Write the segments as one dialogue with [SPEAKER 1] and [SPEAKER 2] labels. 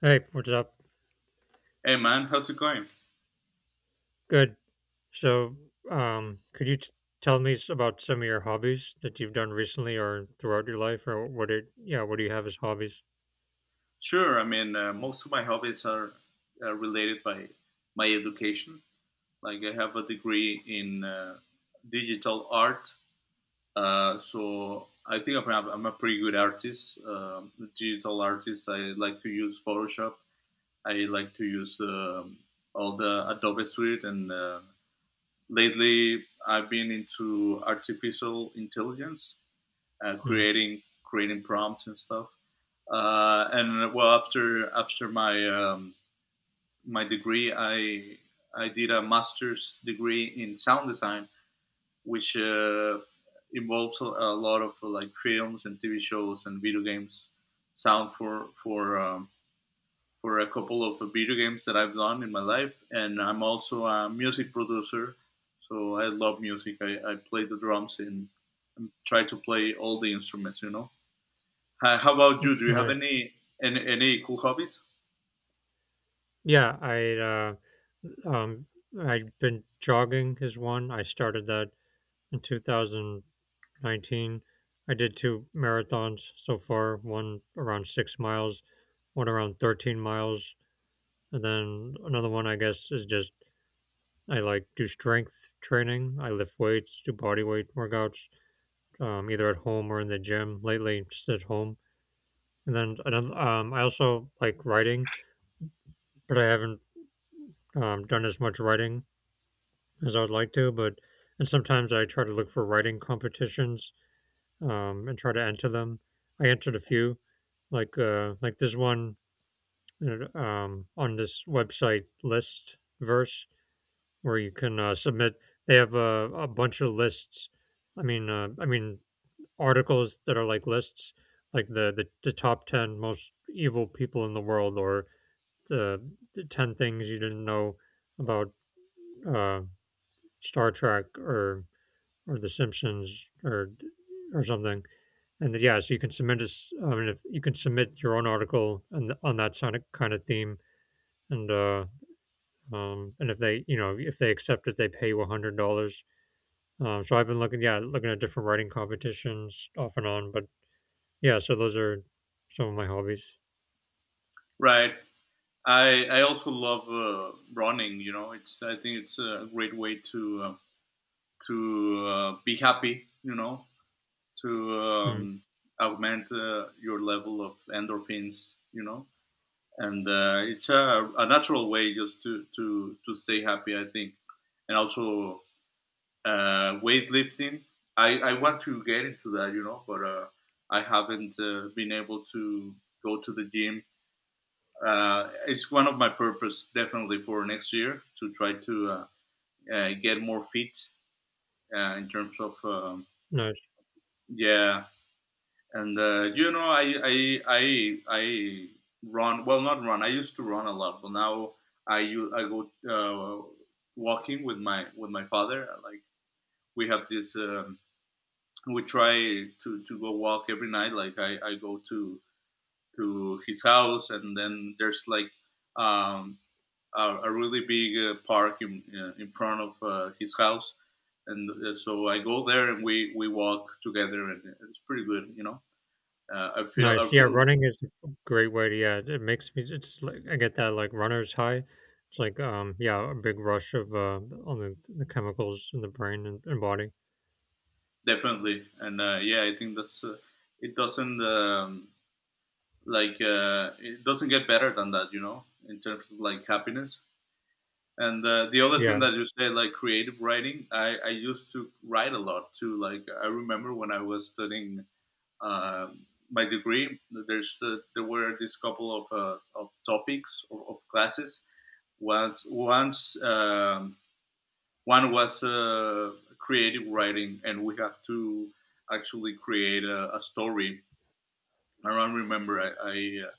[SPEAKER 1] Hey, what's up?
[SPEAKER 2] Hey man, how's it going?
[SPEAKER 1] Good. So, could you tell me about some of your hobbies that you've done recently or throughout your life, or what it? Yeah, what do you have as hobbies?
[SPEAKER 2] Sure, I mean, most of my hobbies are related by my education. Like, I have a degree in digital art, so I think I'm a pretty good artist, digital artist. I like to use Photoshop. I like to use all the Adobe Suite, and lately I've been into artificial intelligence, uh,
[SPEAKER 1] Hmm.
[SPEAKER 2] creating creating prompts and stuff. And well, after my my degree, I did a master's degree in sound design, which involves a lot of like films and TV shows and video games sound for for a couple of video games that I've done in my life, and I'm also a music producer. So I love music. I play the drums, and try to play all the instruments, you know. How about you? Do you have
[SPEAKER 1] Nice.
[SPEAKER 2] any any cool hobbies?
[SPEAKER 1] Yeah, um, I've been jogging is one. I started that in 2019. I did two marathons so far. One around 6 miles, one around 13 miles, and then another one. I guess is just I like do strength training. I lift weights, do body weight workouts, either at home or in the gym. Lately, just at home. And then I also like writing, but I haven't done as much writing as I would like to. But and sometimes I try to look for writing competitions and try to enter them. I entered a few, like this one on this website list verse where you can submit. They have a bunch of lists. I mean, articles that are like lists, like the top ten most evil people in the world, or the, the ten things you didn't know about uh, Star Trek or The Simpsons or something. And then, yeah, so you can submit us. I mean, if you can submit your own article and on that sort of kind of theme, and and if if they accept it, they pay you $100. So I've been looking, yeah, looking at different writing competitions off and on, but yeah, so those are some of my hobbies.
[SPEAKER 2] Right. I also love running. You know, it's I think it's a great way to to be happy, you know, to
[SPEAKER 1] Mm,
[SPEAKER 2] augment your level of endorphins, you know. And it's a natural way just to to stay happy, I think, and also weightlifting. I want to get into that, you know, but I haven't been able to go to the gym. It's one of my purpose definitely for next year to try to get more fit in terms of
[SPEAKER 1] nice,
[SPEAKER 2] yeah. And you know, I run. Well, not run. I used to run a lot, but now I go walking with my father. Like, we have this we try to go walk every night. Like, I go to his house and then there's like um a really big park in front of his house. And so I go there and we walk together and it's pretty good, you know. I feel I
[SPEAKER 1] nice. Yeah,
[SPEAKER 2] feel
[SPEAKER 1] running is a great way to, yeah, it makes me, it's like, I get that like runner's high. Yeah, a big rush of, on the chemicals in the brain and body.
[SPEAKER 2] definitely. And yeah, I think that's it doesn't it doesn't get better than that, you know, in terms of like happiness. And the other thing
[SPEAKER 1] Yeah.
[SPEAKER 2] that you said, like creative writing, I used to write a lot too. Like, I remember when I was studying uh, my degree, there's there were this couple of topics of classes. Once one was creative writing, and we had to actually create a story. I don't remember.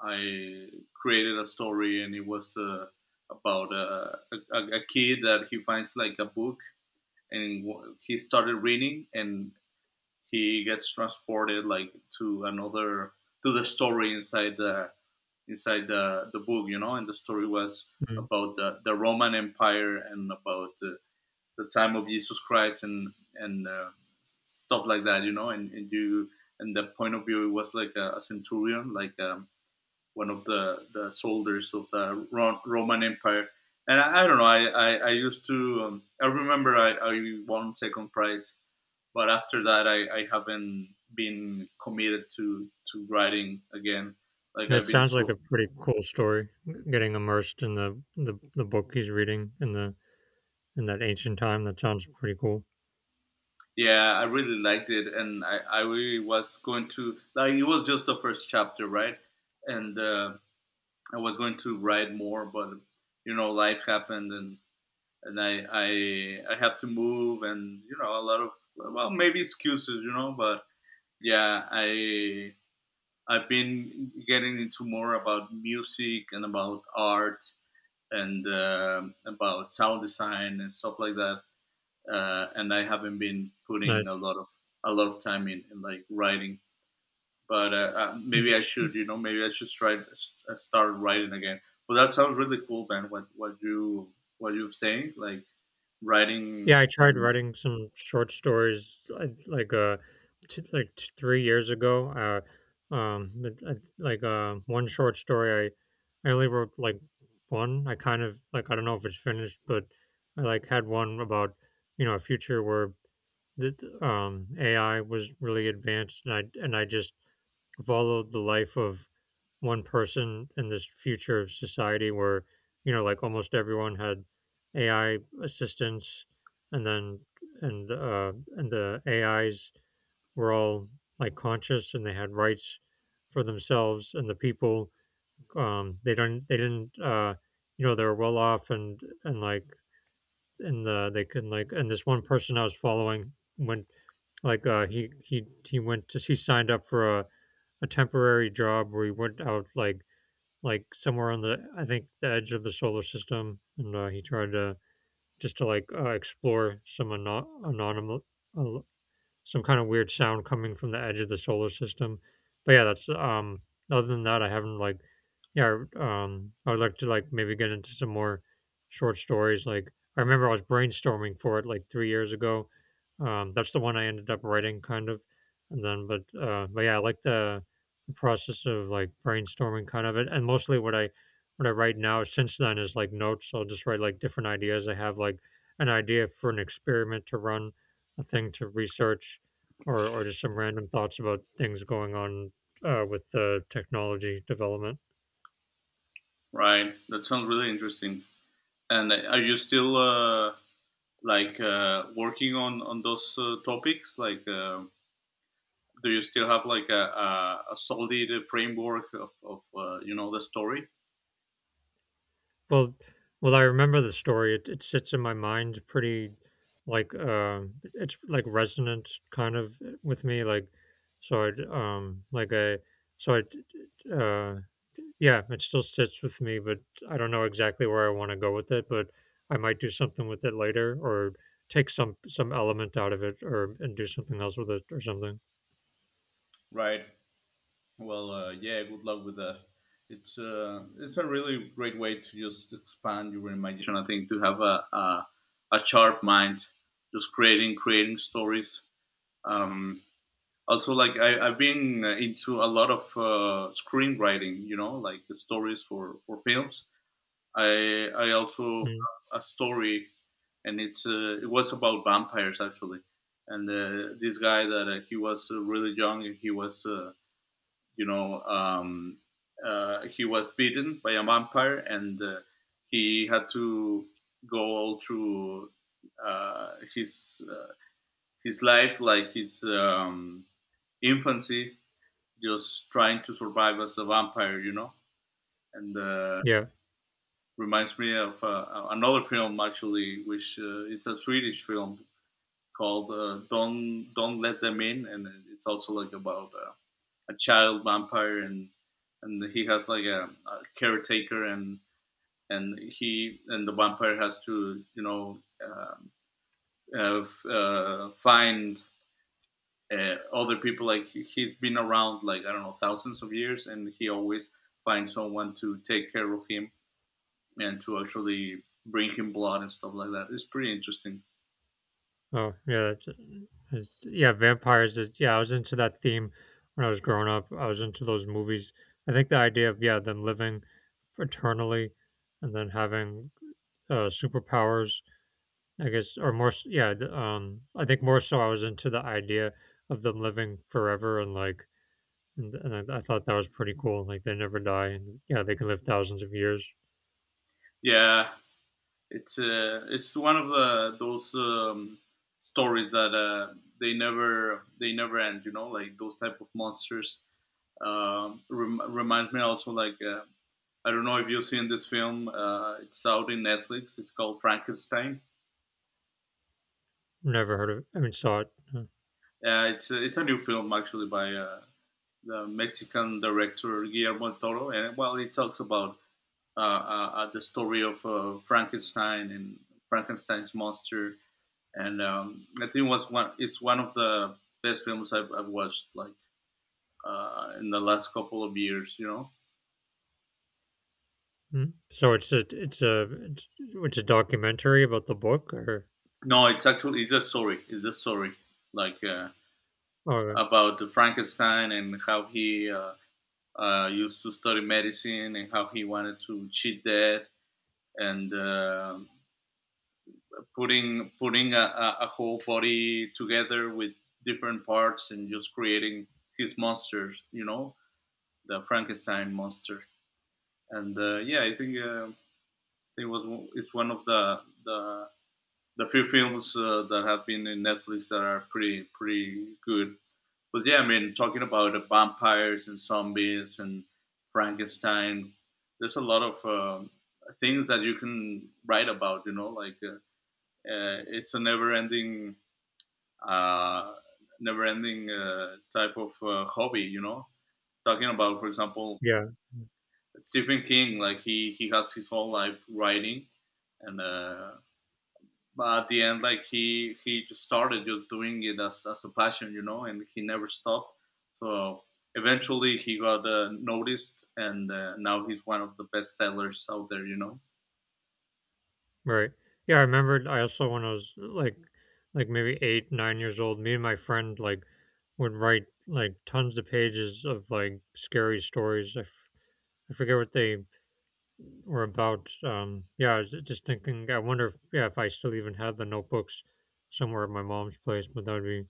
[SPEAKER 2] I created a story, and it was about a kid that he finds like a book, and he started reading, and he gets transported like to another to the story inside the book, you know, and the story was
[SPEAKER 1] Mm.
[SPEAKER 2] about the Roman Empire and about the time of Jesus Christ and stuff like that, you know, and you and the point of view it was like a centurion, like one of the soldiers of the Roman Empire. And I don't know, I used to, I remember I won second prize, but after that, I haven't been committed to writing again. Like,
[SPEAKER 1] That
[SPEAKER 2] I've been
[SPEAKER 1] sounds like
[SPEAKER 2] so
[SPEAKER 1] a pretty cool story, getting immersed in the book he's reading in the, in that ancient time. That sounds pretty cool.
[SPEAKER 2] yeah, I really liked it, and I really was going to, like, it was just the first chapter, right? And I was going to write more, but you know, life happened, and and I had to move, and you know, a lot of, well, maybe excuses, you know. But yeah, I've been getting into more about music and about art and about sound design and stuff like that. And I haven't been putting
[SPEAKER 1] Nice.
[SPEAKER 2] a lot of time in like writing, but maybe I should, you know, maybe I should try start writing again. Well, that sounds really cool, man. What you what you're saying, like writing
[SPEAKER 1] Yeah, I tried
[SPEAKER 2] and
[SPEAKER 1] writing some short stories, I like, t like, t 3 years ago, but one short story, I only wrote, like, 1. I kind of like, I don't know if it's finished, but I, like, had one about, you know, a future where the AI was really advanced, and I just followed the life of one person in this future of society where, you know, like almost everyone had AI assistants, and then and the AIs were all like conscious and they had rights for themselves, and the people they didn't, they were well off, and like in the they can like, and this one person I was following went like he went to he signed up for a temporary job where he went out like somewhere on the, I think, the edge of the solar system, and he tried to just to explore some anonymous uh, some kind of weird sound coming from the edge of the solar system. But yeah, that's other than that, I haven't like yeah, I would like to like maybe get into some more short stories. Like I remember I was brainstorming for it like 3 years ago. That's the one I ended up writing kind of. And then but yeah, I like the process of like brainstorming kind of it. And mostly what I write now since then is like notes. I'll just write like different ideas. I have like an idea for an experiment to run, a thing to research, or just some random thoughts about things going on with the technology development.
[SPEAKER 2] right, that sounds really interesting. And are you still working on those topics, like? Do you still have like a solid framework of you know, the story?
[SPEAKER 1] Well, well, I remember the story. It sits in my mind pretty like uh, it's like resonant kind of with me. Like, so I, like I, so I uh, yeah, it still sits with me, but I don't know exactly where I want to go with it, but I might do something with it later or take some element out of it or and do something else with it or something.
[SPEAKER 2] Right. Well, yeah. Good luck with that. It's a really great way to just expand your imagination, I think, to have a sharp mind, just creating stories. Um, Also, like I've been into a lot of screenwriting. You know, like the stories for films. I also have a story, and it's it was about vampires actually, and this guy that he was really young and he was you know he was bitten by a vampire and he had to go all through uh, his uh, his life, like his infancy, just trying to survive as a vampire, you know. And.
[SPEAKER 1] Yeah.
[SPEAKER 2] Reminds me of another film actually, which is a Swedish film called "Don't Let Them In," and it's also like about a child vampire, and he has like a caretaker, and he and the vampire has to, you know, find other people. Like, he's been around like I don't know thousands of years, and he always finds someone to take care of him and to actually bring him blood and stuff like that. It's pretty interesting.
[SPEAKER 1] Oh, yeah. Yeah, vampires. Is, yeah, I was into that theme when I was growing up. I was into those movies. I think the idea of yeah them living eternally and then having superpowers. I guess or more. S- Yeah. the- Um. I think more so I was into the idea of them living forever and like. And I thought that was pretty cool. Like they never die, and yeah, they can live thousands of years.
[SPEAKER 2] Yeah, it's one of the, those stories that they never end. You know, like those type of monsters. Reminds me also, like I don't know if you've seen this film. It's out in Netflix. It's called Frankenstein.
[SPEAKER 1] Never heard of. I mean, saw it.
[SPEAKER 2] It's a, it's a new film actually by the Mexican director Guillermo del Toro, and well, it talks about the story of Frankenstein and Frankenstein's monster, and I think was one it's one of the best films I've watched like in the last couple of years, you know.
[SPEAKER 1] Mm. So it's a documentary about the book or
[SPEAKER 2] No, it's actually it's a story. It's a story like
[SPEAKER 1] oh
[SPEAKER 2] about the Frankenstein and how he used to study medicine and how he wanted to cheat death, and putting a, whole body together with different parts and just creating his monsters, you know, the Frankenstein monster. And yeah, I think it was it's one of the few films that have been in Netflix that are pretty pretty good. But yeah, I mean, talking about the vampires and zombies and Frankenstein, there's a lot of things that you can write about. You know, like it's a never-ending uh, never-ending type of hobby. You know, talking about, for example,
[SPEAKER 1] yeah
[SPEAKER 2] Stephen King. Like, he has his whole life writing, and but at the end, like he just started just doing it as a passion, you know, and he never stopped. So eventually, he got noticed, and now he's one of the best sellers out there, you know.
[SPEAKER 1] right yeah. I remembered I also when I was like maybe 8 9 years old, me and my friend like would write like tons of pages of like scary stories. I forget what they were about. Yeah, I was just thinking, I wonder if yeah if I still even have the notebooks somewhere at my mom's place. But that would be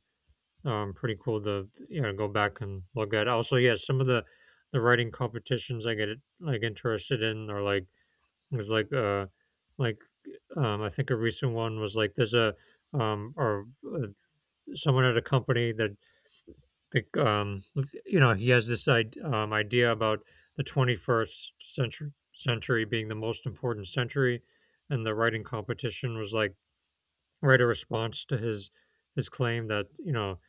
[SPEAKER 1] pretty cool to, you know, go back and look at. Also, yeah, some of the writing competitions I get like interested in are like is like I think a recent one was like there's a or someone at a company that that um you know, he has this idea about the 21st century century being the most important century, and the writing competition was like write a response to his claim that, you know,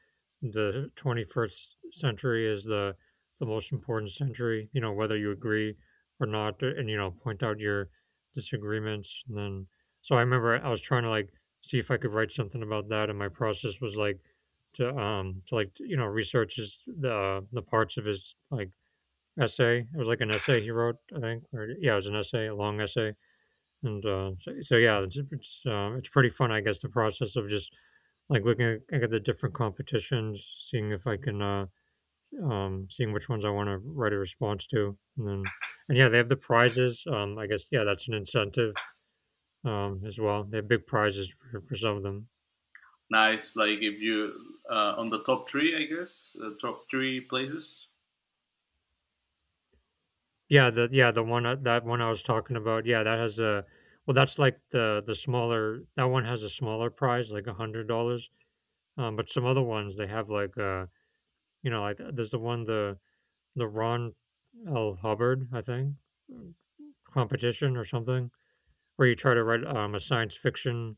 [SPEAKER 1] the 21st century is the most important century, you know, whether you agree or not. And, you know, point out your disagreements. And then so I remember I was trying to like see if I could write something about that, and my process was like to like, you know, research his the parts of his like essay. It was like an essay he wrote, I think, or yeah, it was an essay, a long essay. So yeah, it's pretty fun, I guess, the process of just like looking at the different competitions, seeing if I can, seeing which ones I want to write a response to. And then and yeah, they have the prizes. I guess yeah, that's an incentive as well. They have big prizes for some of them.
[SPEAKER 2] Nice, like if you on the top three, I guess the top three places.
[SPEAKER 1] Yeah, the one that one I was talking about, yeah, that has a well, that's like the smaller. That one has a smaller prize, like $100. But some other ones they have there's the one the Ron L. Hubbard, I think, competition or something, where you try to write a science fiction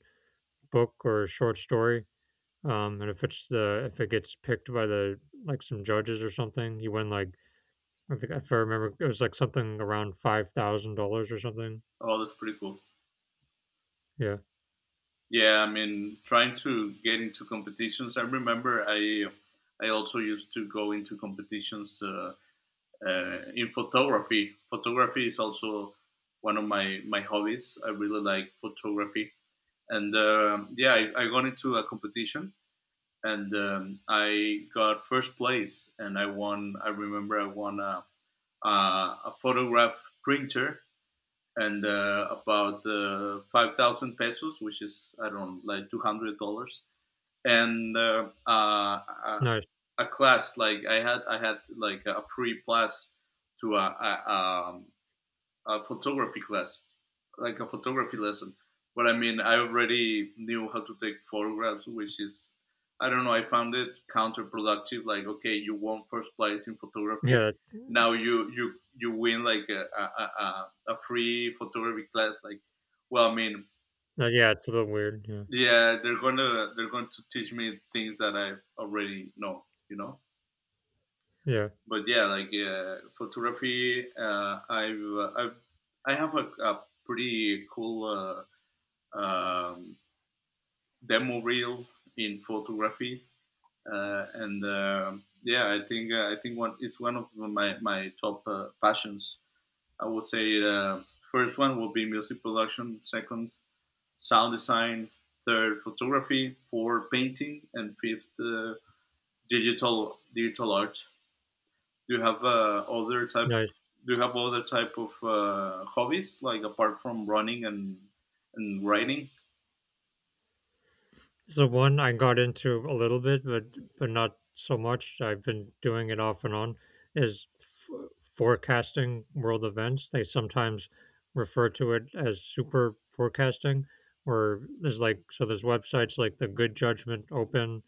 [SPEAKER 1] book or a short story. And if it's the if it gets picked by the like some judges or something, you win like, I think, if I remember, it was like something around $5,000 or something.
[SPEAKER 2] Oh, that's pretty cool.
[SPEAKER 1] Yeah,
[SPEAKER 2] Yeah, I mean, trying to get into competitions. I remember I also used to go into competitions in photography. Photography is also one of my my hobbies. I really like photography, and yeah, I got into a competition and I got first place, and I won. I remember I won a a, a photograph printer and about 5,000 pesos, which is, I don't know, like $200, and uh,
[SPEAKER 1] nice.
[SPEAKER 2] a class. Like, I had like a free class to a photography class, like a photography lesson. But I mean, I already knew how to take photographs, which is I don't know. I found it counterproductive. Like, okay, you won first place in
[SPEAKER 1] Yeah,
[SPEAKER 2] photography.
[SPEAKER 1] that,
[SPEAKER 2] Now you win like a free photography class. Like, well, I mean,
[SPEAKER 1] yeah, it's a little weird.
[SPEAKER 2] yeah they're going to teach me things that I already know, you know.
[SPEAKER 1] Yeah, yeah,
[SPEAKER 2] But yeah, like photography, I've I have a pretty cool um, demo reel in photography and yeah I think one it's one of my my top passions. I would say first one will be music production, second sound design, third photography, fourth painting, and fifth digital art. Do you have other type?
[SPEAKER 1] no.
[SPEAKER 2] Do you have other type of hobbies like apart from running and writing?
[SPEAKER 1] So one I got into a little bit, but not so much. I've been doing it off and on. Is forecasting world events. They sometimes refer to it as super forecasting, where there's like so there's websites like the Good Judgment Open,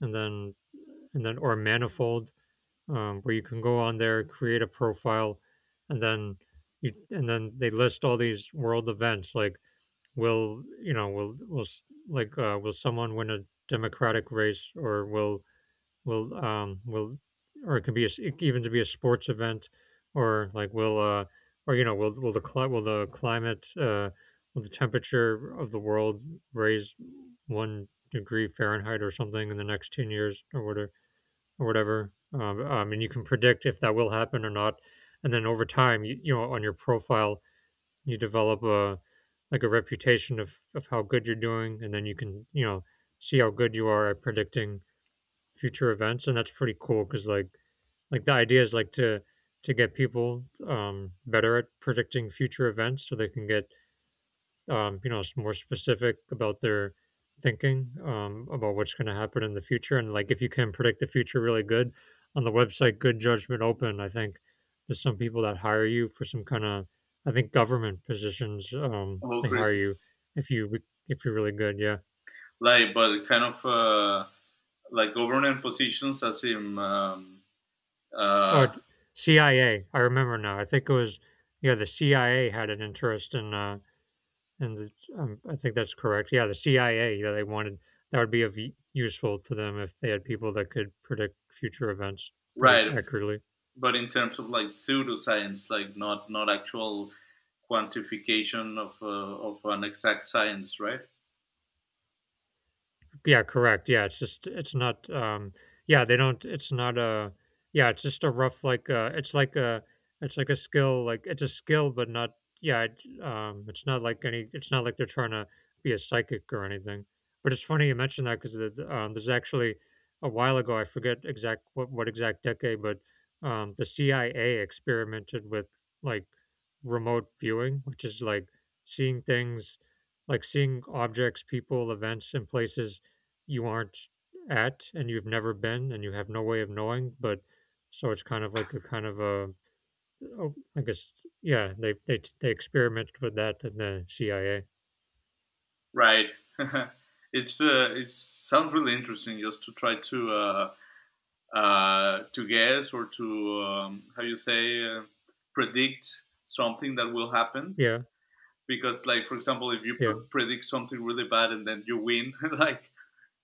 [SPEAKER 1] and then or Manifold, where you can go on there, create a profile, and then they list all these world events, like will you know will s- like will someone win a democratic race, or will will um will or it could be a s it even to be a sports event, or like will or you know will the will the climate will the temperature of the world raise one degree Fahrenheit or something in the next 10 years or whatever. I mean, you can predict if that will happen or not. And then over time, you know, on your profile you develop a like a reputation of how good you're doing, and then you can, you know, see how good you are at predicting future events. And that's pretty cool because like the idea is like to get people better at predicting future events so they can get you know, more specific about their thinking about what's going to happen in the future. And like, if you can predict the future really good on the website Good Judgment Open, I think there's some people that hire you for some kind of, I think, government positions.
[SPEAKER 2] Oh,
[SPEAKER 1] They hire
[SPEAKER 2] crazy!
[SPEAKER 1] you if you re- if you're really good. Yeah.
[SPEAKER 2] Like, but kind of like government positions, as in
[SPEAKER 1] Oh,
[SPEAKER 2] uh,
[SPEAKER 1] d- CIA. I A. I remember now. I think it was yeah. The CIA had an interest in. And I think that's correct. Yeah, the CIA. Yeah, they wanted that would be of useful to them if they had people that could predict future events pretty
[SPEAKER 2] right.
[SPEAKER 1] accurately.
[SPEAKER 2] But in terms of like pseudoscience, like not actual quantification of an exact science, right?
[SPEAKER 1] Yeah, correct. Yeah, it's not. Yeah, they don't it's not a. Yeah, it's just a rough like, it's like a, it's like a skill, like it's a skill but not. Yeah, it's not like any it's not like they're trying to be a psychic or anything. But it's funny you mentioned that because there's actually a while ago. I forget exact what exact decade. But the CIA experimented with like remote viewing, which is like seeing things, like seeing objects, people, events, and places you aren't at and you've never been and you have no way of knowing. But so it's kind of like a kind of a oh, I guess yeah, they experimented with that in the CIA.
[SPEAKER 2] Right. It sounds really interesting just to try to. To guess or to how you say predict something that will happen.
[SPEAKER 1] Yeah.
[SPEAKER 2] Because like, for example, if you
[SPEAKER 1] Yeah.
[SPEAKER 2] predict something really bad and then you win, like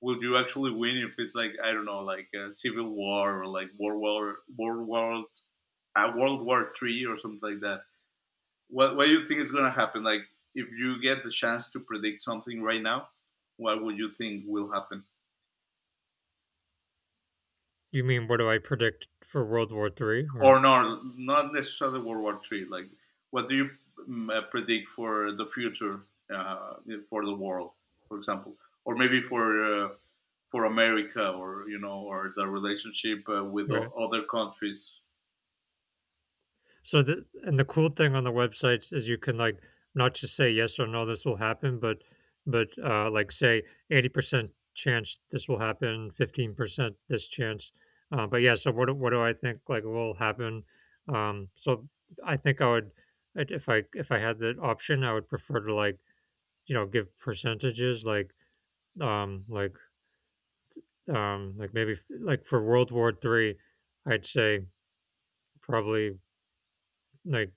[SPEAKER 2] will you actually win if it's like, I don't know, like a civil war or like world war three or something like that? What do you think is going to happen? Like, if you get the chance to predict something right now, what would you think will happen?
[SPEAKER 1] You mean what do I predict for World War Three? Or
[SPEAKER 2] Or not necessarily World War Three. Like, what do you predict for the future, uh, for the world, for example, or maybe uh, for America, or, you know, or the relationship with
[SPEAKER 1] Right.
[SPEAKER 2] other countries,
[SPEAKER 1] So the cool thing on the websites is you can like not just say yes or no this will happen, but like say 80% chance this will happen, 15% this chance. But yeah, so what do I think like will happen? Um, so I think I would. If I if I had that option, I would prefer to like, you know, give percentages, like um like like maybe like for World War Three, I'd say probably, like,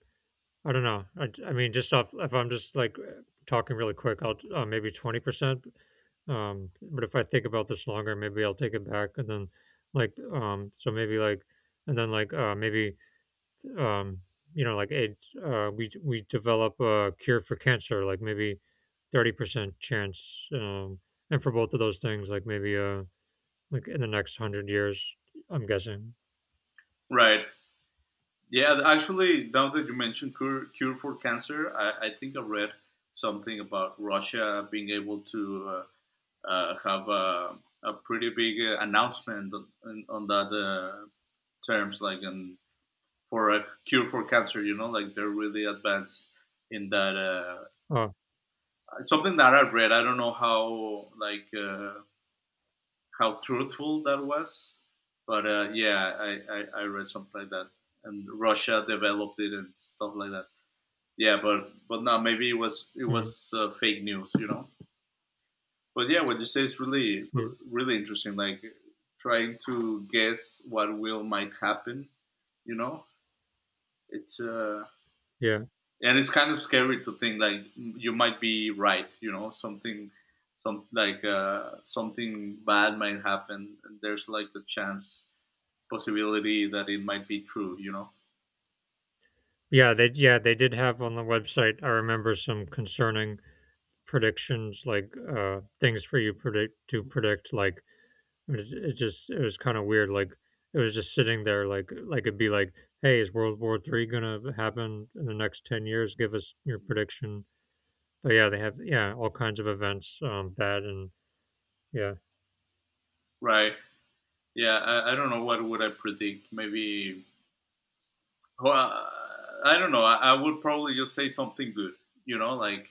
[SPEAKER 1] I don't know. I mean, just off, if I'm just like talking really quick, I'll maybe 20%. But if I think about this longer, maybe I'll take it back. And then, like, so maybe like, and then like, maybe, um, you know, like, AIDS, we develop a cure for cancer, like maybe 30% chance. And for both of those things, like like in the next 100 years, I'm guessing.
[SPEAKER 2] right? Yeah, actually, now that you mentioned cure, cure for cancer, I think I read something about Russia being able to have a pretty big announcement on that terms, like in for a cure for cancer. You know, like they're really advanced in that.
[SPEAKER 1] Uh,
[SPEAKER 2] It's something that I read. I don't know how like how truthful that was, but yeah, I read something like that. And Russia developed it and stuff like that. Yeah, but no, maybe it was it
[SPEAKER 1] mm,
[SPEAKER 2] was uh, fake news. You know. But yeah, what you say is really
[SPEAKER 1] yeah.
[SPEAKER 2] really interesting. Like trying to guess what will might happen. You know, it's
[SPEAKER 1] Yeah.
[SPEAKER 2] and it's kind of scary to think like you might be right, you know, something, some like something bad might happen, and there's like the chance possibility that it might be true, you know,
[SPEAKER 1] Yeah, they, yeah, they did have on the website. I remember some concerning predictions, like things for you predict to predict. Like it just, it was kind of weird. Like it was just sitting there, like it'd be like, hey, is World War Three gonna happen in the next 10 years? Give us your prediction. But yeah, they have, yeah, all kinds of events, bad and yeah.
[SPEAKER 2] right. Yeah, I don't know what would I predict. Maybe, well, I don't know, I would probably just say something good, you know, like,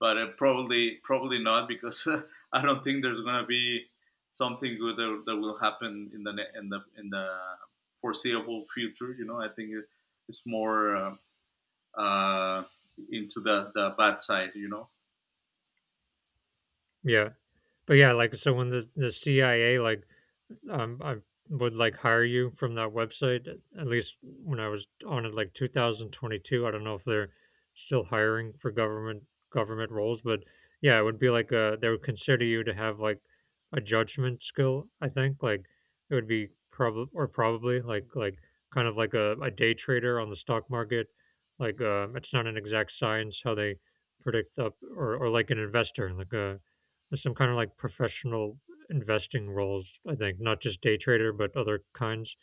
[SPEAKER 2] but probably not, because I don't think there's gonna be something good that, that will happen in the foreseeable future. You know, I think it's more uh, into the bad side. You know,
[SPEAKER 1] Yeah. But yeah, like so when the CIA like, I would like hire you from that website. At least when I was on it, like 2022. I don't know if they're still hiring for government roles, but yeah, it would be like, they would consider you to have like a judgment skill. I think like it would be probably, or probably like kind of like a day trader on the stock market. Like, it's not an exact science how they predict or like an investor, like a some kind of like professional investing roles. I think not just day trader, but other kinds.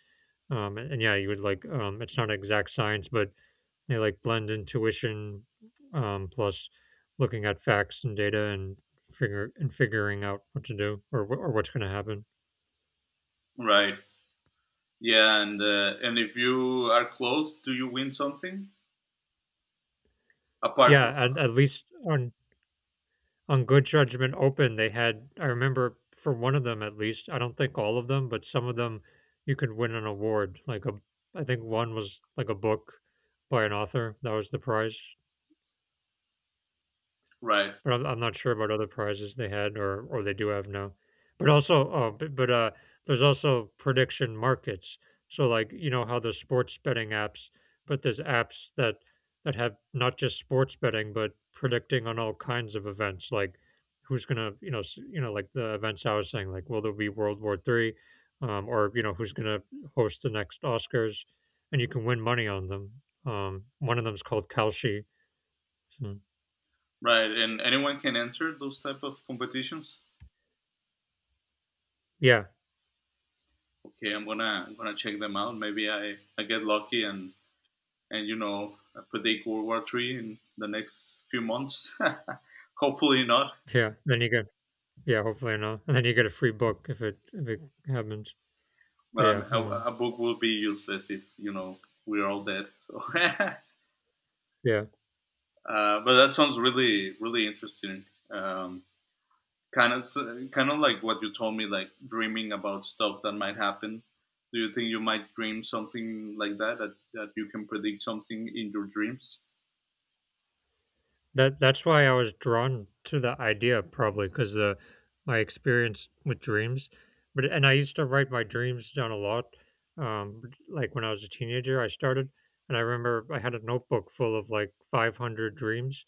[SPEAKER 1] And yeah, you would like, it's not exact science, but they like blend intuition, plus looking at facts and data and figure and figuring out what to do or or what's going to happen.
[SPEAKER 2] right? Yeah, and if you are close, do you win something apart? From,
[SPEAKER 1] Yeah, at least on Good Judgment Open, they had, I remember, for one of them at least. I don't think all of them, but some of them, you could win an award, like a, I think one was like a book by an author. That was the prize.
[SPEAKER 2] right,
[SPEAKER 1] But I'm not sure about other prizes they had or they do have now. But also, but there's also prediction markets. So like, you know how there's sports betting apps, but there's apps that have not just sports betting, but predicting on all kinds of events, like who's gonna, you know, like the events I was saying, like will there be World War Three, or, you know, who's gonna host the next Oscars, and you can win money on them. One of them's called Kalshi. So,
[SPEAKER 2] right. And anyone can enter those type of competitions.
[SPEAKER 1] yeah.
[SPEAKER 2] Okay, I'm gonna check them out. Maybe I get lucky and, you know, predict World War Three in the next few months. Hopefully not.
[SPEAKER 1] Yeah. Then you get, yeah, hopefully not. And then you get a free book if it happens. But
[SPEAKER 2] Um, a, a book will be useless if, you know, we're all dead. So,
[SPEAKER 1] yeah.
[SPEAKER 2] but that sounds really really interesting. Um, kind of so, kind of like what you told me, like dreaming about stuff that might happen. Do you think you might dream something like that, that, that you can predict something in your dreams?
[SPEAKER 1] That that's why I was drawn to the idea, probably because the my experience with dreams. But and I used to write my dreams down a lot. Um, like when I was a teenager, I started, and I remember I had a notebook full of like 500 dreams.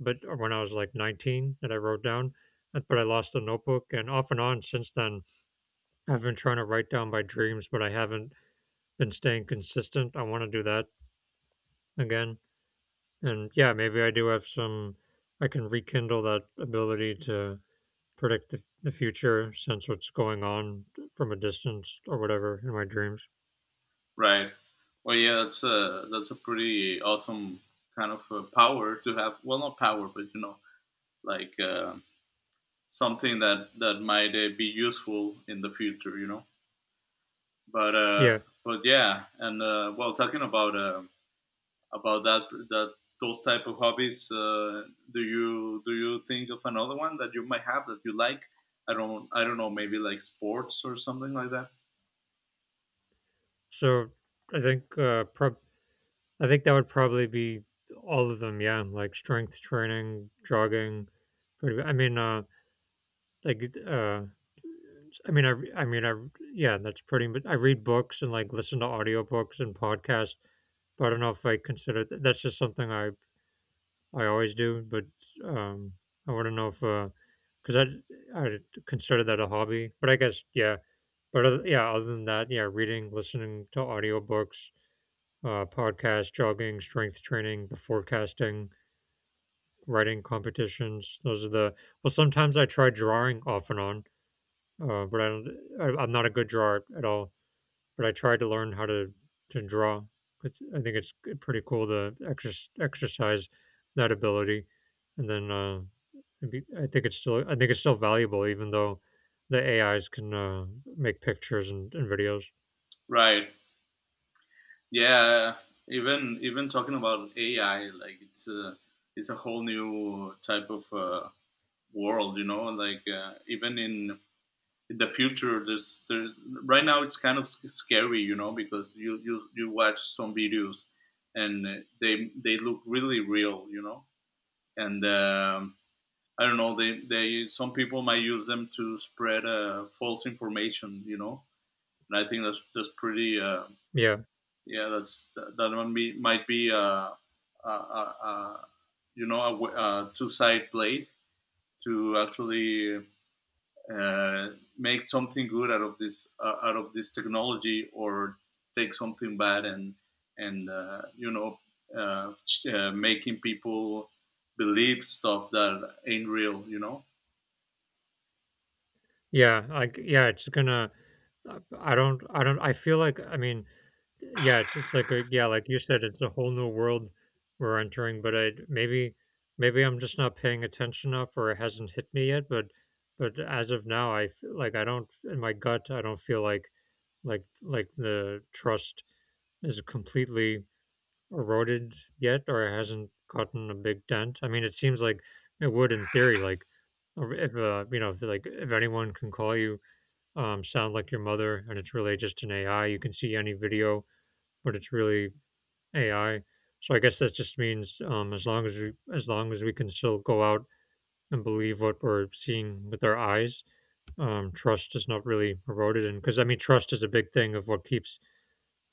[SPEAKER 1] But when I was like 19, that I wrote down. But I lost the notebook, and off and on since then, I've been trying to write down my dreams, but I haven't been staying consistent. I want to do that again. And yeah, maybe I do have some. I can rekindle that ability to predict the future, sense what's going on from a distance or whatever in my dreams.
[SPEAKER 2] Right. Well, yeah, that's a pretty awesome kind of power to have. Well, not power, but you know, like something that that might be useful in the future. You know, but uh,
[SPEAKER 1] Yeah.
[SPEAKER 2] but yeah, and well, talking about that that those type of hobbies, do you think of another one that you might have that you like? I don't know, maybe like sports or something like that.
[SPEAKER 1] So I think, I think that would probably be all of them. Yeah, like strength training, jogging. Pretty. I mean, like, I mean, I, I mean, I, yeah, that's pretty. But I read books and like listen to audiobooks and podcasts. But I don't know if I consider that's just something I always do, but um, I want to know if because I consider that a hobby, but I guess yeah. But other, yeah, other than that, yeah, reading, listening to audiobooks, podcasts, jogging, strength training, the forecasting, writing competitions. Those are the, well. Sometimes I try drawing off and on, but I don't. I'm not a good drawer at all, but I tried to learn how to draw. It's, I think it's pretty cool to exercise that ability, and then it'd be, I think it's still, I think it's still valuable even though the AIs can, make pictures and videos.
[SPEAKER 2] Right. Yeah, even talking about AI, like it's a whole new type of world, you know. Like even in the future, there's right now it's kind of scary, you know, because you watch some videos and they look really real, you know. And I don't know, they some people might use them to spread false information, you know. And I think that's pretty.
[SPEAKER 1] Yeah.
[SPEAKER 2] Yeah, that's that, that one be, might be a, you know, a two sided blade to actually uh, make something good out of this technology, or take something bad and you know, uh, making people believe stuff that ain't real, you know,
[SPEAKER 1] Yeah, like yeah, it's gonna. I don't. I don't. I feel like. I mean, yeah, it's just like a, yeah, like you said, it's a whole new world we're entering. But I, maybe maybe I'm just not paying attention enough, or it hasn't hit me yet. But as of now, like I don't, in my gut, I don't feel like like the trust is completely eroded yet, or it hasn't gotten a big dent. I mean, it seems like it would in theory, like, or if you know, if like if anyone can call you, sound like your mother, and it's really just an AI. You can see any video, but it's really AI. So I guess that just means, as long as we, as long as we can still go out and believe what we're seeing with our eyes, trust is not really eroded. And because I mean, trust is a big thing of what keeps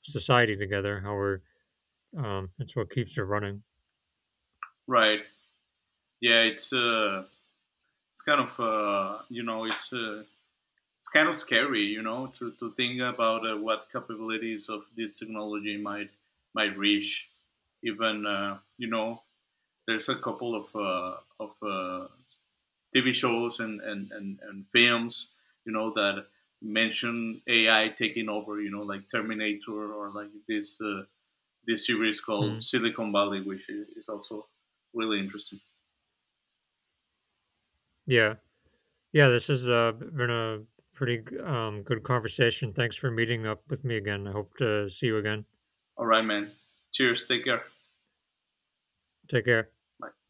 [SPEAKER 1] society together. How we're, it's what keeps it running.
[SPEAKER 2] right. Yeah, it's kind of you know it's kind of scary, you know, to think about what capabilities of this technology might reach. Even you know, there's a couple of TV shows and films, you know, that mention AI taking over. You know, like Terminator or like this this series called
[SPEAKER 1] Mm.
[SPEAKER 2] Silicon Valley, which is also really interesting.
[SPEAKER 1] Yeah, yeah. This has, been a pretty, good conversation. Thanks for meeting up with me again. I hope to see you again.
[SPEAKER 2] All right, man. Cheers. Take care.
[SPEAKER 1] Take care.
[SPEAKER 2] Bye.